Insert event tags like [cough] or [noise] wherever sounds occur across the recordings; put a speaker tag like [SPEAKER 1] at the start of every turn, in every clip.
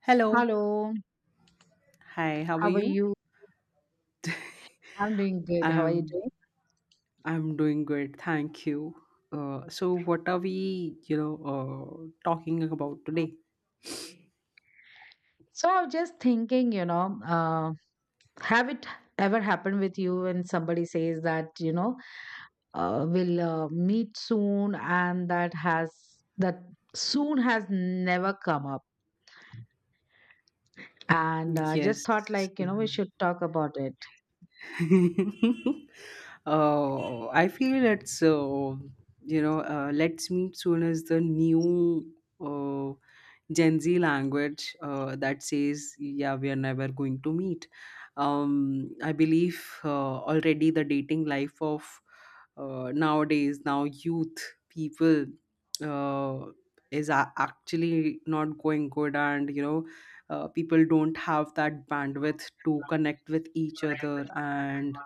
[SPEAKER 1] Hello.
[SPEAKER 2] Hello,
[SPEAKER 1] Hi, how are
[SPEAKER 2] how are
[SPEAKER 1] you?
[SPEAKER 2] you? I'm doing good. How are you
[SPEAKER 1] I'm I'm doing good, thank you. So what are we, talking about today?
[SPEAKER 2] doing? So I was just thinking, have it ever happened with you when somebody says that, we'll meet soon and that soon has never come up. And I just
[SPEAKER 1] Yes.
[SPEAKER 2] thought like, you know, we should talk about it.
[SPEAKER 1] [laughs] I feel it's let's meet soon as the new uh, Gen Z language that says, yeah, we are never going to meet. I believe already the dating life of nowadays, now youth people uh, is actually not going good. And, you know, people don't have that bandwidth to connect with each other. And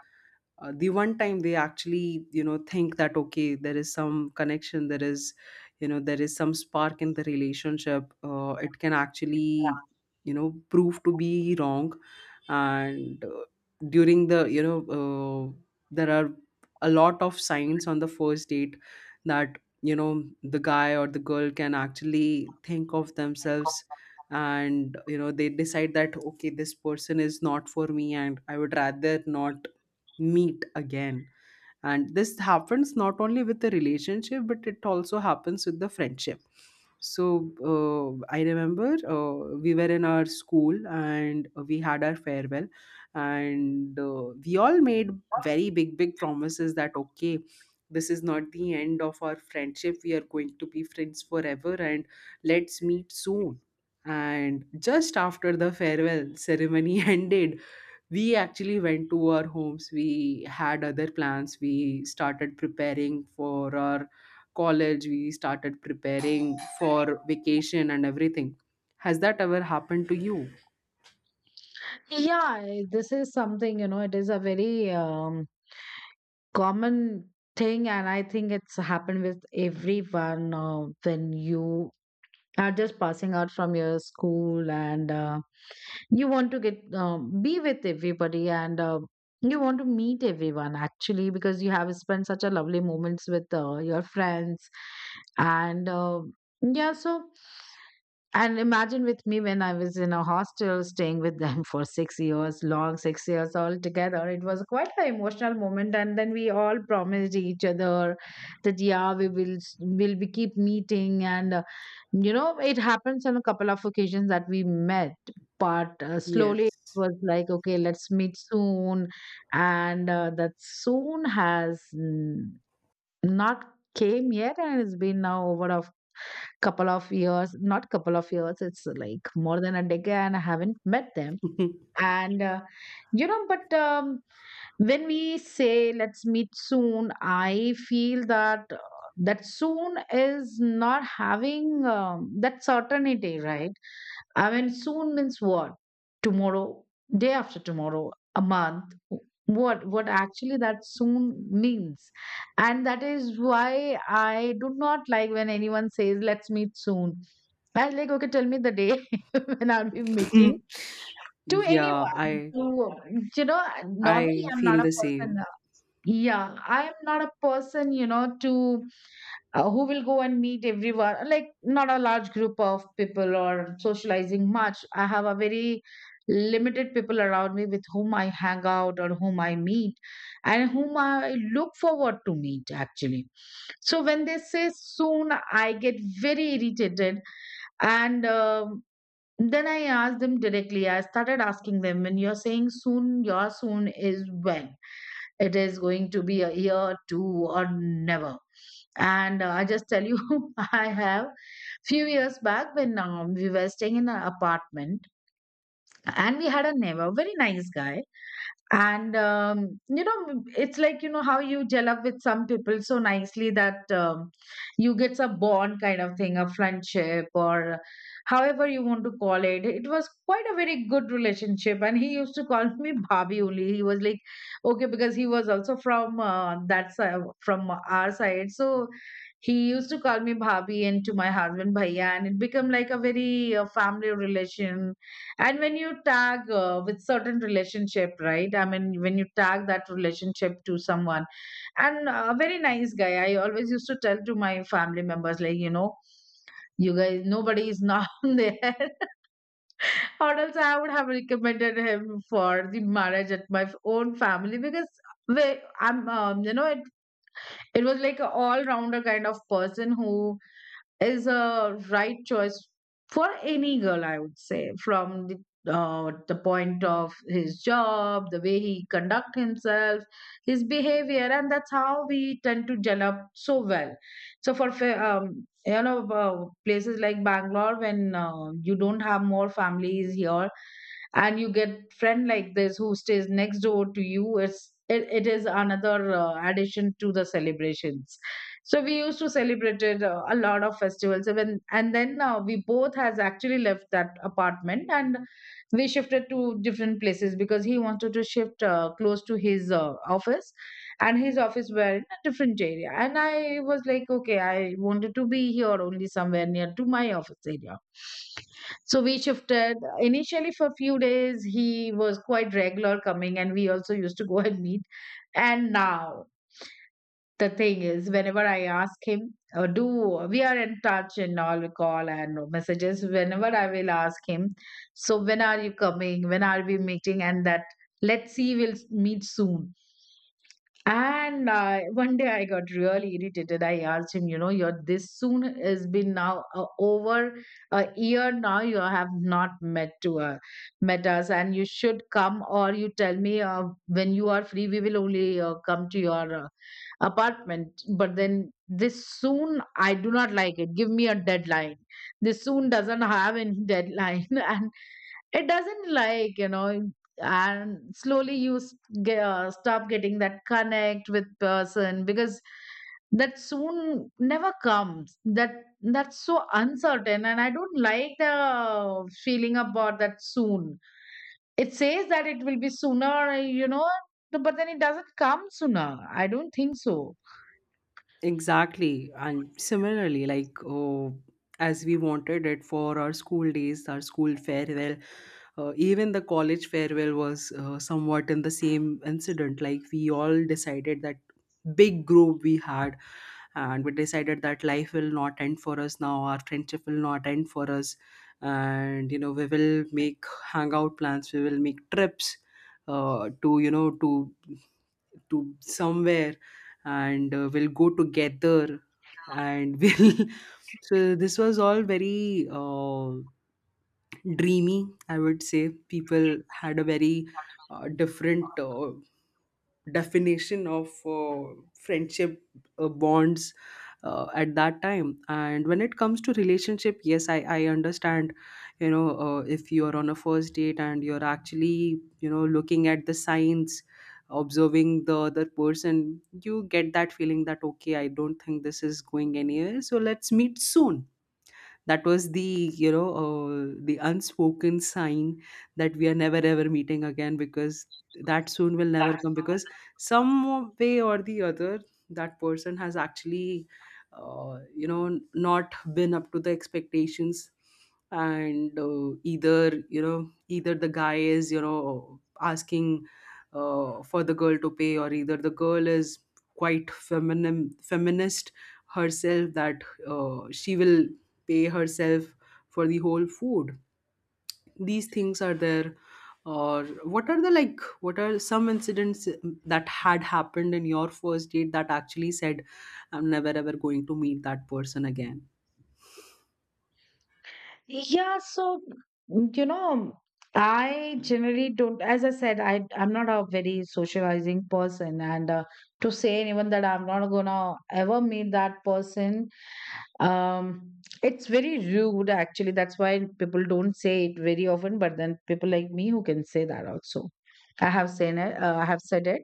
[SPEAKER 1] the one time they actually, you know, think that okay, there is some connection, there is, you know, there is some spark in the relationship, it can actually, you know, prove to be wrong. And during the you know there are a lot of signs on the first date that, you know, the guy or the girl can actually think of themselves, and you know they decide that okay, this person is not for me and I would rather not meet again. And this happens not only with the relationship, but it also happens with the friendship. So I remember we were in our school and we had our farewell, and we all made very big big promises that okay, this is not the end of our friendship, we are going to be friends forever, and let's meet soon. And just after the farewell ceremony [laughs] ended, we actually went to our homes, we had other plans, we started preparing for our college, we started preparing for vacation and everything. Has that ever happened to you?
[SPEAKER 2] Yeah, this is something, you know, it is a very common thing, and I think it's happened with everyone when you are just passing out from your school, and you want to get be with everybody, and you want to meet everyone actually because you have spent such a lovely moments with your friends. And yeah so imagine with me when I was in a hostel staying with them [laughs] for 6 years, long 6 years all together. It was quite an emotional moment. And then we all promised each other that, yeah, we will will be keep meeting. You know, it happens on a couple of occasions that we met, but slowly it
[SPEAKER 1] Yes.
[SPEAKER 2] was like, okay, let's meet soon. And that soon has not came yet. And it's been now over a— couple of years, not couple of years, it's like more than a decade, and I haven't met them. And, you know, but, When we say let's meet soon, I feel that that soon is not having that certainty, right? I mean, soon means what? Tomorrow? Day after tomorrow? A month? What actually that soon means? And that is why I do not like when anyone says let's meet soon. I was like, okay, tell me the day [laughs] when I'll be meeting
[SPEAKER 1] [laughs]
[SPEAKER 2] to
[SPEAKER 1] Yeah,
[SPEAKER 2] anyone,
[SPEAKER 1] i
[SPEAKER 2] to normally
[SPEAKER 1] I
[SPEAKER 2] I'm
[SPEAKER 1] feel
[SPEAKER 2] not a
[SPEAKER 1] the same.
[SPEAKER 2] person. Yeah, I am not a person, you know, to who will go and meet everyone. Like not a large group of people or socializing much. I have a very limited people around me with whom I hang out or whom I meet, and whom I look forward to meet actually. So when they say soon, I get very irritated. And then I asked them directly. I started asking them, when you're saying soon, your soon is when? It is going to be a year, two, or never? And I just tell you, [laughs] I have few years back when we were staying in an apartment, and we had a neighbor, very nice guy. And you know, it's like, you know how you gel up with some people so nicely that you get a bond kind of thing, a friendship, or however you want to call it. It was quite a very good relationship, and he used to call me [laughs] bhabhi only. He was like, okay, because he was also from that side, from our side. So he used to call me bhabhi and to my husband bhaiya, and it became like a very family relation. And when you tag with certain relationship, right? I mean, when you tag that relationship to someone, and a very nice guy, I always used to tell to my family members, like, you know, you guys, nobody is not [laughs] there, or else I would have recommended him for the marriage at my own family. Because you know, it was like a all rounder kind of person who is a right choice for any girl, I would say, from the point of his job, the way he conduct himself, his behavior, and that's how we tend to gel up so well. So you know, places like Bangalore, when you don't have more families here and you get friend like this who stays next door to you, it is another addition to the celebrations. So we used to celebrate it, a lot of festivals. Even. And then we both has actually left that apartment, and we shifted to different places because he wanted to shift close to his office, and his office were in a different area, and I was like, okay, I wanted to be here only somewhere near to my office area. So we shifted. Initially for a few days he was quite regular coming, and we also used to go and meet. And now the thing is whenever I ask him, or do, we are in touch in all, we call and messages, whenever I will ask him, so when are you coming, when are we meeting? And that, let's see, we'll meet soon. And one day I got really irritated. I asked him, you know, your this soon has been now over a year now. You have not met to met us, and you should come, or you tell me when you are free. We will only come to your apartment. But then this soon, I do not like it. Give me a deadline. This soon doesn't have any [laughs] deadline, and it doesn't, like, you know, and slowly you stop getting that connect with person because that soon never comes. That's so uncertain, and I don't like the feeling about that soon. It says that it will be sooner, you know, but then it doesn't come sooner. I don't think so.
[SPEAKER 1] Exactly. And similarly, like, oh, as we wanted it for our school days, our school farewell, even the college farewell was somewhat in the same incident. Like, we all decided that, big group we had, and we decided that life will not end for us now, our friendship will not end for us, and you know we will make hangout plans, we will make trips to you know to somewhere, and we'll go together. And we'll [laughs] so this was all very dreamy, I would say. People had a very different definition of friendship, bonds, at that time. And when it comes to relationship, yes, I understand, you know, if you're on a first date and you're actually, you know, looking at the signs, observing the other person, you get that feeling that okay, I don't think this is going anywhere, so let's meet soon. That was the, the unspoken sign, that we are never ever meeting again, because that soon will never come, because some way or the other, that person has actually, you know, not been up to the expectations. And either, you know, either the guy is, you know, asking for the girl to pay, or either the girl is quite feminine feminist herself, that she will pay herself for the whole food. These things are there. Or what are the, like what are some incidents that had happened in your first date that actually said I'm never ever going to meet that person again?
[SPEAKER 2] Yeah, so you know, I generally don't, as I said, I'm not a very socializing person, and to say anyone that I'm not gonna ever meet that person, um, it's very rude actually. That's why people don't say it very often, but then people like me who can say that also. I have said it,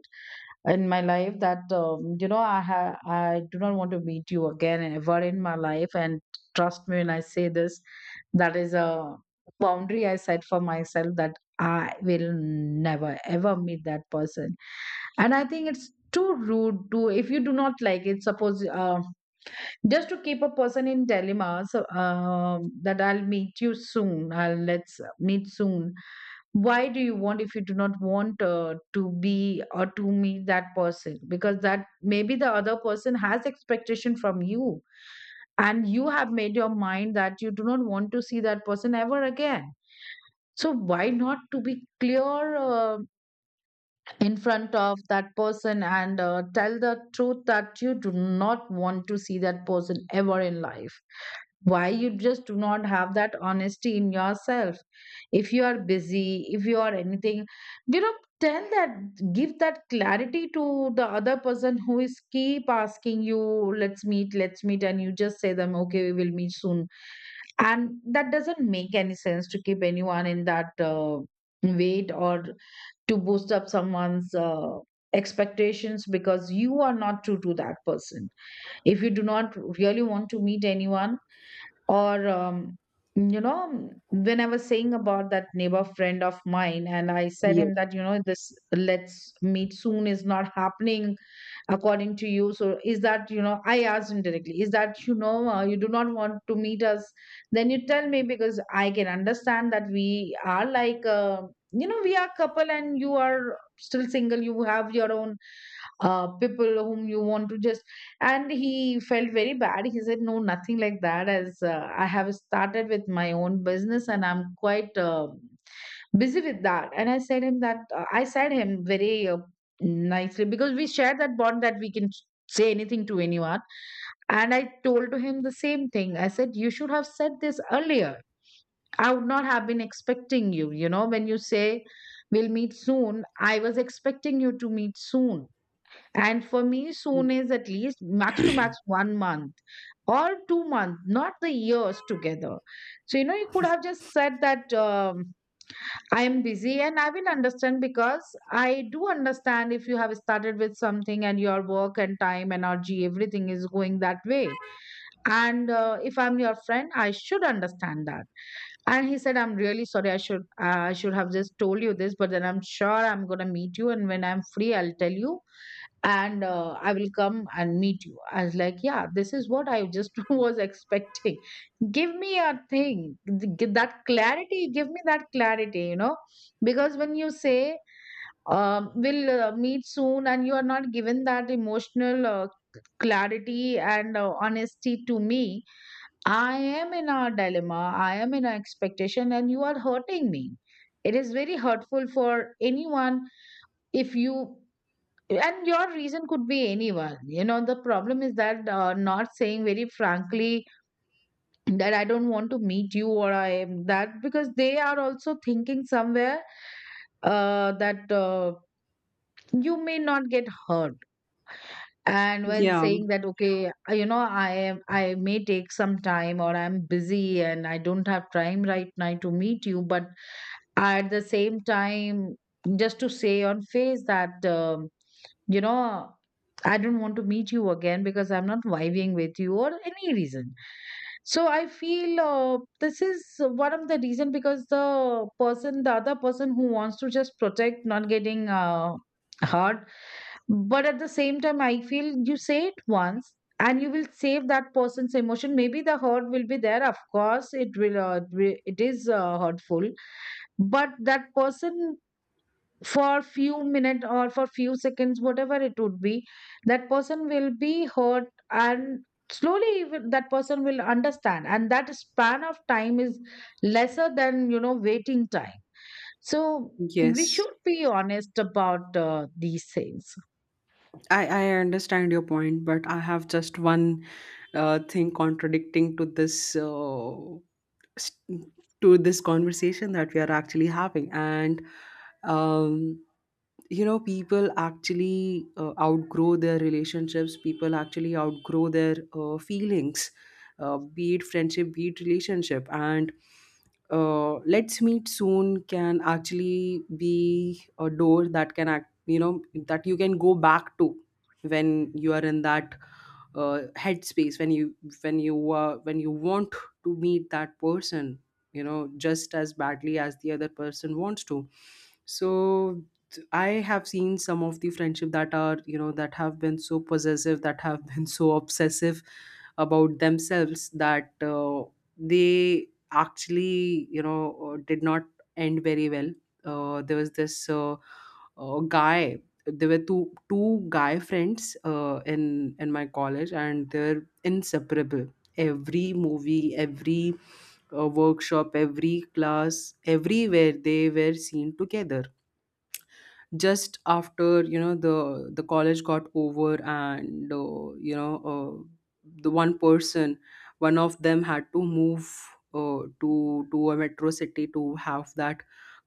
[SPEAKER 2] in my life that you know, I do not want to meet you again ever in my life. And trust me when I say this, that is a boundary I set for myself, that I will never ever meet that person. And I think it's too rude to, if you do not like it, suppose, just to keep a person in dilemma, so that I'll meet you soon, I'll, let's meet soon. Why do you want, if you do not want to be or to meet that person, because that maybe the other person has expectation from you, and you have made your mind that you do not want to see that person ever again. So why not to be clear in front of that person and tell the truth that you do not want to see that person ever in life? Why you just do not have that honesty in yourself? If you are busy, if you are anything, you know, tell that. Give that clarity to the other person who is keep asking you let's meet, let's meet, and you just say them, okay, we will meet soon. And that doesn't make any sense, to keep anyone in that weight, or to boost up someone's expectations, because you are not true to that person, if you do not really want to meet anyone. or, um, you know, when I was saying about that neighbor friend of mine, and I said
[SPEAKER 1] Yeah,
[SPEAKER 2] him that, you know, this let's meet soon is not happening according to you. So, is that, you know, I asked him directly, is that, you know, you do not want to meet us? Then you tell me, because I can understand that we are like, you know, we are couple and you are still single, you have your own people whom you want to just. And he felt very bad. He said, no, nothing like that, as I have started with my own business and I'm quite busy with that. And I said him that, I said him very nicely, because we share that bond that we can say anything to anyone. And I told to him the same thing. I said, you should have said this earlier. I would not have been expecting you. You know, when you say we'll meet soon, I was expecting you to meet soon. And for me, soon is at least max to max 1 month or 2 months, not the years together. So, you know, you could have just said that, I am busy, and I will understand, because I do understand if you have started with something, and your work and time, energy, everything is going that way. And if I'm your friend, I should understand that. And he said, I'm really sorry, I should, I should have just told you this, but then I'm sure I'm going to meet you, and when I'm free, I'll tell you, and I will come and meet you. I was like, yeah, this is what I just [laughs] was expecting. Give me a thing, give that clarity, give me that clarity, you know, because when you say, we'll meet soon, and you are not given that emotional clarity and honesty to me, I am in a dilemma, I am in an expectation, and you are hurting me. It is very hurtful for anyone if you, and your reason could be anyone. You know, the problem is that not saying very frankly that I don't want to meet you, or I am that, because they are also thinking somewhere that you may not get hurt. And when
[SPEAKER 1] yeah,
[SPEAKER 2] saying that, okay, you know, I am I may take some time, or I'm busy and I don't have time right now to meet you, but at the same time, just to say on face that, you know, I don't want to meet you again because I'm not vibing with you, or any reason. So I feel this is one of the reason, because the person, the other person, who wants to just protect, not getting hard. But at the same time, I feel you say it once and you will save that person's emotion. Maybe the hurt will be there. Of course, it will. It is hurtful, but that person, for few minutes or for few seconds, whatever it would be, that person will be hurt. And slowly even that person will understand, and that span of time is lesser than, you know, waiting time. So we
[SPEAKER 1] yes,
[SPEAKER 2] should be honest about these things.
[SPEAKER 1] I understand your point, but I have just one thing contradicting to this s- to this conversation that we are actually having. And um, you know, people actually outgrow their relationships. People actually outgrow their feelings, be it friendship, be it relationship. And let's meet soon can actually be a door that can act, you know, that you can go back to when you are in that headspace, when you, when you want to meet that person, you know, just as badly as the other person wants to. So I have seen some of the friendship that are, you know, that have been so possessive, that have been so obsessive about themselves, that they actually, you know, did not end very well. There was this guy, there were two guy friends in my college, and they're inseparable. Every movie, every workshop, every class, everywhere they were seen together. Just after, you know, the college got over, and the one person, one of them had to move to a metro city to have that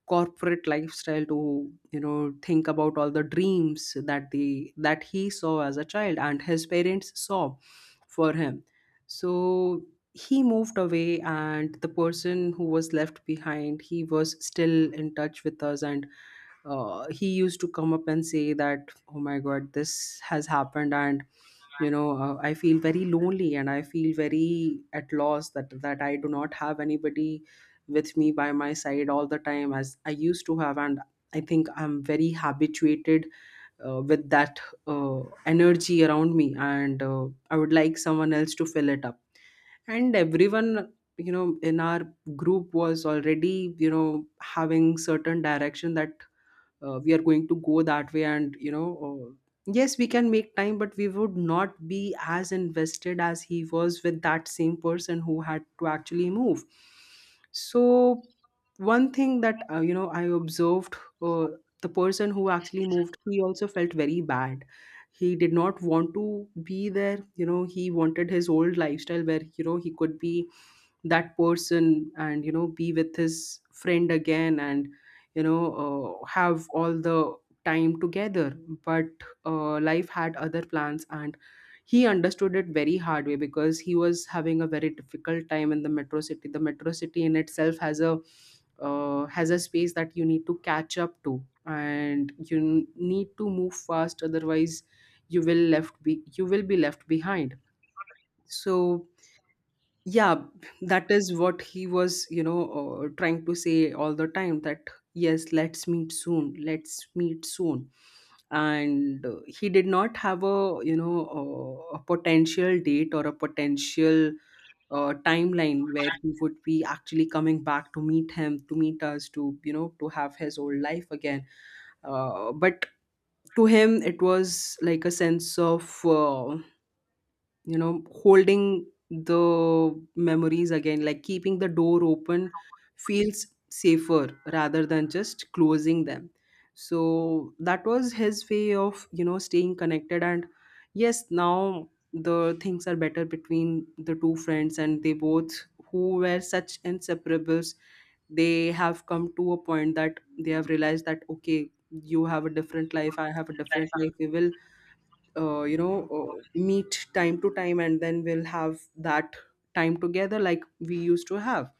[SPEAKER 1] corporate lifestyle, to, you know, think about all the dreams that the, that he saw as a child and his parents saw for him. So he moved away, and the person who was left behind, he was still in touch with us. And he used to come up and say that, oh my god, this has happened. And you know, I feel very lonely, and I feel very at loss, that that I do not have anybody with me by my side all the time as I used to have. And I think I'm very habituated with that energy around me. And I would like someone else to fill it up. And everyone, you know, in our group was already, you know, having certain direction, that we are going to go that way. And you know, yes, we can make time, but we would not be as invested as he was with that same person who had to actually move. So one thing that, you know, I observed, uh, the person who actually moved, he also felt very bad. He did not want to be there. You know, he wanted his old lifestyle, where, you know, he could be that person and, you know, be with his friend again. And you know, have all the time together. But life had other plans, and he understood it very hard way, because he was having a very difficult time in the metro city. The metro city in itself has a space that you need to catch up to, and you need to move fast, otherwise you will left be, you will be left behind. So yeah, that is what he was, you know, trying to say all the time, that yes, let's meet soon, let's meet soon. And he did not have a, you know, a potential date or a potential timeline where he would be actually coming back to meet him, to meet us, to, you know, to have his old life again. But to him it was like a sense of, you know, holding the memories again, like keeping the door open feels safer rather than just closing them. So that was his way of, you know, staying connected. And yes, now the things are better between the two friends, and they both, who were such inseparables, they have come to a point that they have realized that okay, you have a different life, I have a different life, we will meet time to time, and then we'll have that time together like we used to have.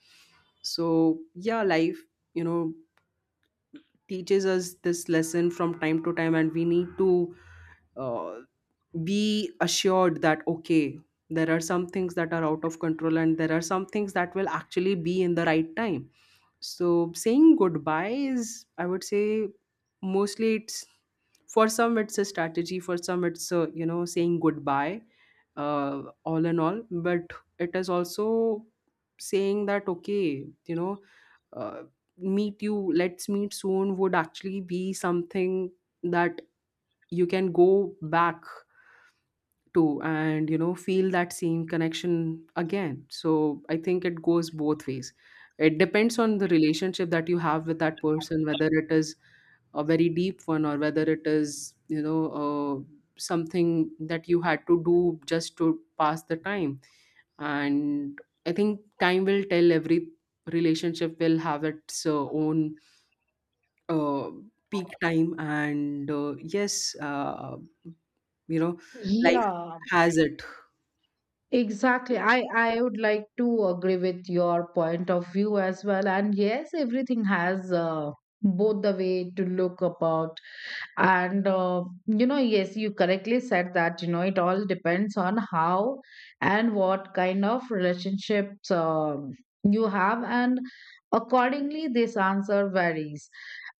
[SPEAKER 1] So yeah, life, you know, teaches us this lesson from time to time, and we need to uh, be assured that okay, there are some things that are out of control, and there are some things that will actually be in the right time. So saying goodbye is, I would say, mostly it's for some it's a strategy, for some it's a, you know, saying goodbye, all in all. But it is also saying that okay, you know, uh, meet you, let's meet soon would actually be something that you can go back to, and you know, feel that same connection again. So I think it goes both ways. It depends on the relationship that you have with that person, whether it is a very deep one, or whether it is, you know, something that you had to do just to pass the time. And I think time will tell, every relationship will have its own uh, peak time. And yes, you know, life
[SPEAKER 2] Yeah.
[SPEAKER 1] has it.
[SPEAKER 2] Exactly.
[SPEAKER 1] Yeah.
[SPEAKER 2] I would like to agree with your point of view as well. And yes, everything has both the way to look about. And, you know, yes, you correctly said that, you know, it all depends on how and what kind of relationships you have. And accordingly, this answer varies.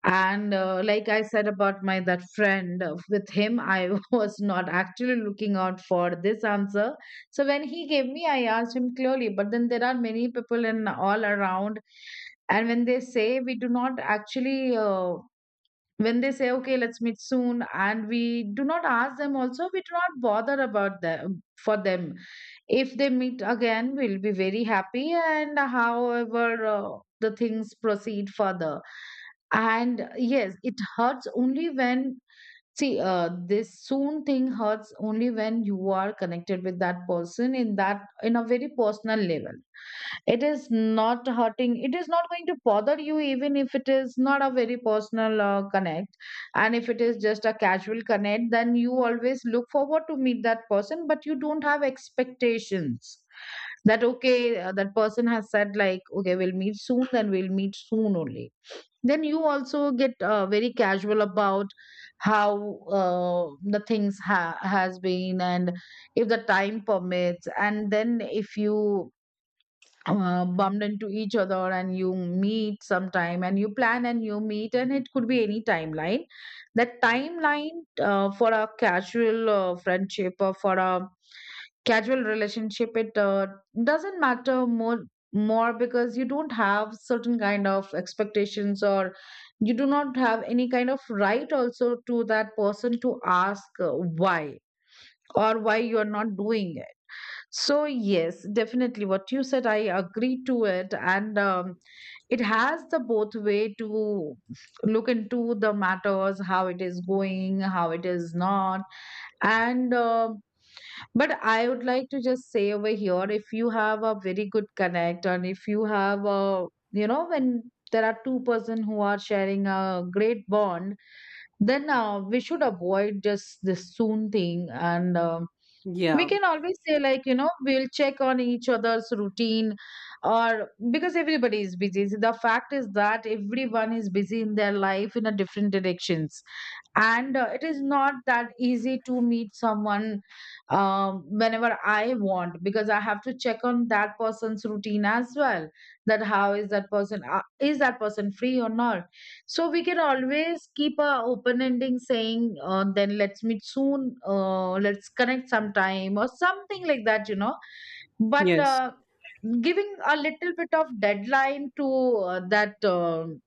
[SPEAKER 2] And like I said about my that friend, with him, I [laughs] was not actually looking out for this answer, so when he gave me, I asked him clearly. But then there are many people in all around. And when they say we do not actually, when they say, okay, let's meet soon, and we do not ask them also, we do not bother about them for them. If they meet again, we'll be very happy. And however, the things proceed further. And yes, it hurts only when. See, this soon thing hurts only when you are connected with that person in that, in a very personal level. It is not hurting. It is not going to bother you, even if it is not a very personal connect. And if it is just a casual connect, then you always look forward to meet that person, but you don't have expectations that, okay, that person has said like, okay, we'll meet soon, then we'll meet soon only. Then you also get very casual about how the things has been. And if the time permits, and then if you bumped into each other and you meet sometime, and you plan and you meet, and it could be any timeline. That timeline, for a casual friendship or for a casual relationship, it doesn't matter more, because you don't have certain kind of expectations, or you do not have any kind of right also to that person to ask, why, or why you are not doing it. So yes, definitely what you said, I agree to it. And it has the both way to look into the matters, how it is going, how it is not. And but I would like to just say over here, if you have a very good connect, and if you have a, you know, when there are two-person who are sharing a great bond, then we should avoid just this soon thing. And we
[SPEAKER 1] Yeah.
[SPEAKER 2] can always say, like, you know, we'll check on each other's routine. Or because everybody is busy. So the fact is that everyone is busy in their life in a different directions, and it is not that easy to meet someone, whenever I want, because I have to check on that person's routine as well, that how is that person, is that person free or not. So we can always keep a open ending, saying, then let's meet soon, let's connect sometime, or something like that, you know. But
[SPEAKER 1] Yes,
[SPEAKER 2] giving a little bit of deadline to that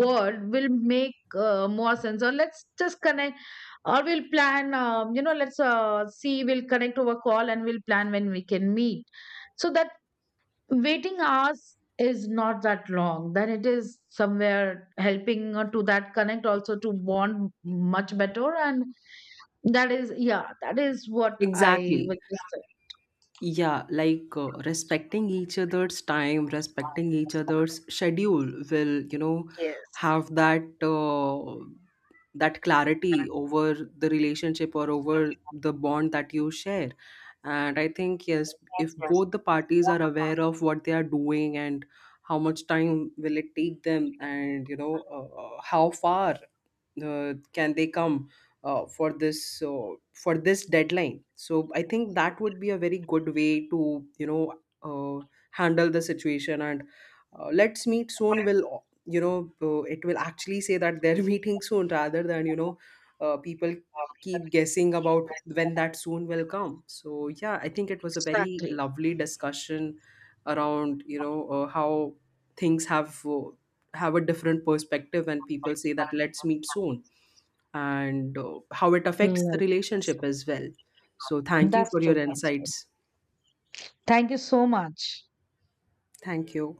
[SPEAKER 2] word will make more sense. Or let's just connect, or we'll plan, you know, let's see, we'll connect over call and we'll plan when we can meet. So that waiting hours is not that long, then it is somewhere helping to that connect also, to bond much better. And that is, yeah, that is what I
[SPEAKER 1] exactly.
[SPEAKER 2] would just say.
[SPEAKER 1] Yeah, like respecting each other's time, respecting each other's schedule will, you know,
[SPEAKER 2] Yes.
[SPEAKER 1] have that that clarity over the relationship, or over the bond that you share. And I think yes, if both the parties are aware of what they are doing, and how much time will it take them, and you know, how far uh, can they come for this, so for this deadline, so I think that would be a very good way to, you know, uh, handle the situation. And let's meet soon will, it will actually say that they're [laughs] meeting soon rather than, you know, people keep guessing about when that soon will come. So yeah, I think it was a very
[SPEAKER 2] Exactly.
[SPEAKER 1] lovely discussion around, you know, how things have a different perspective when people say that let's meet soon, and how it affects the
[SPEAKER 2] Like,
[SPEAKER 1] relationship as well. So, thank you
[SPEAKER 2] that's
[SPEAKER 1] for your
[SPEAKER 2] true, that's true.
[SPEAKER 1] insights.
[SPEAKER 2] Thank you so much.
[SPEAKER 1] Thank you.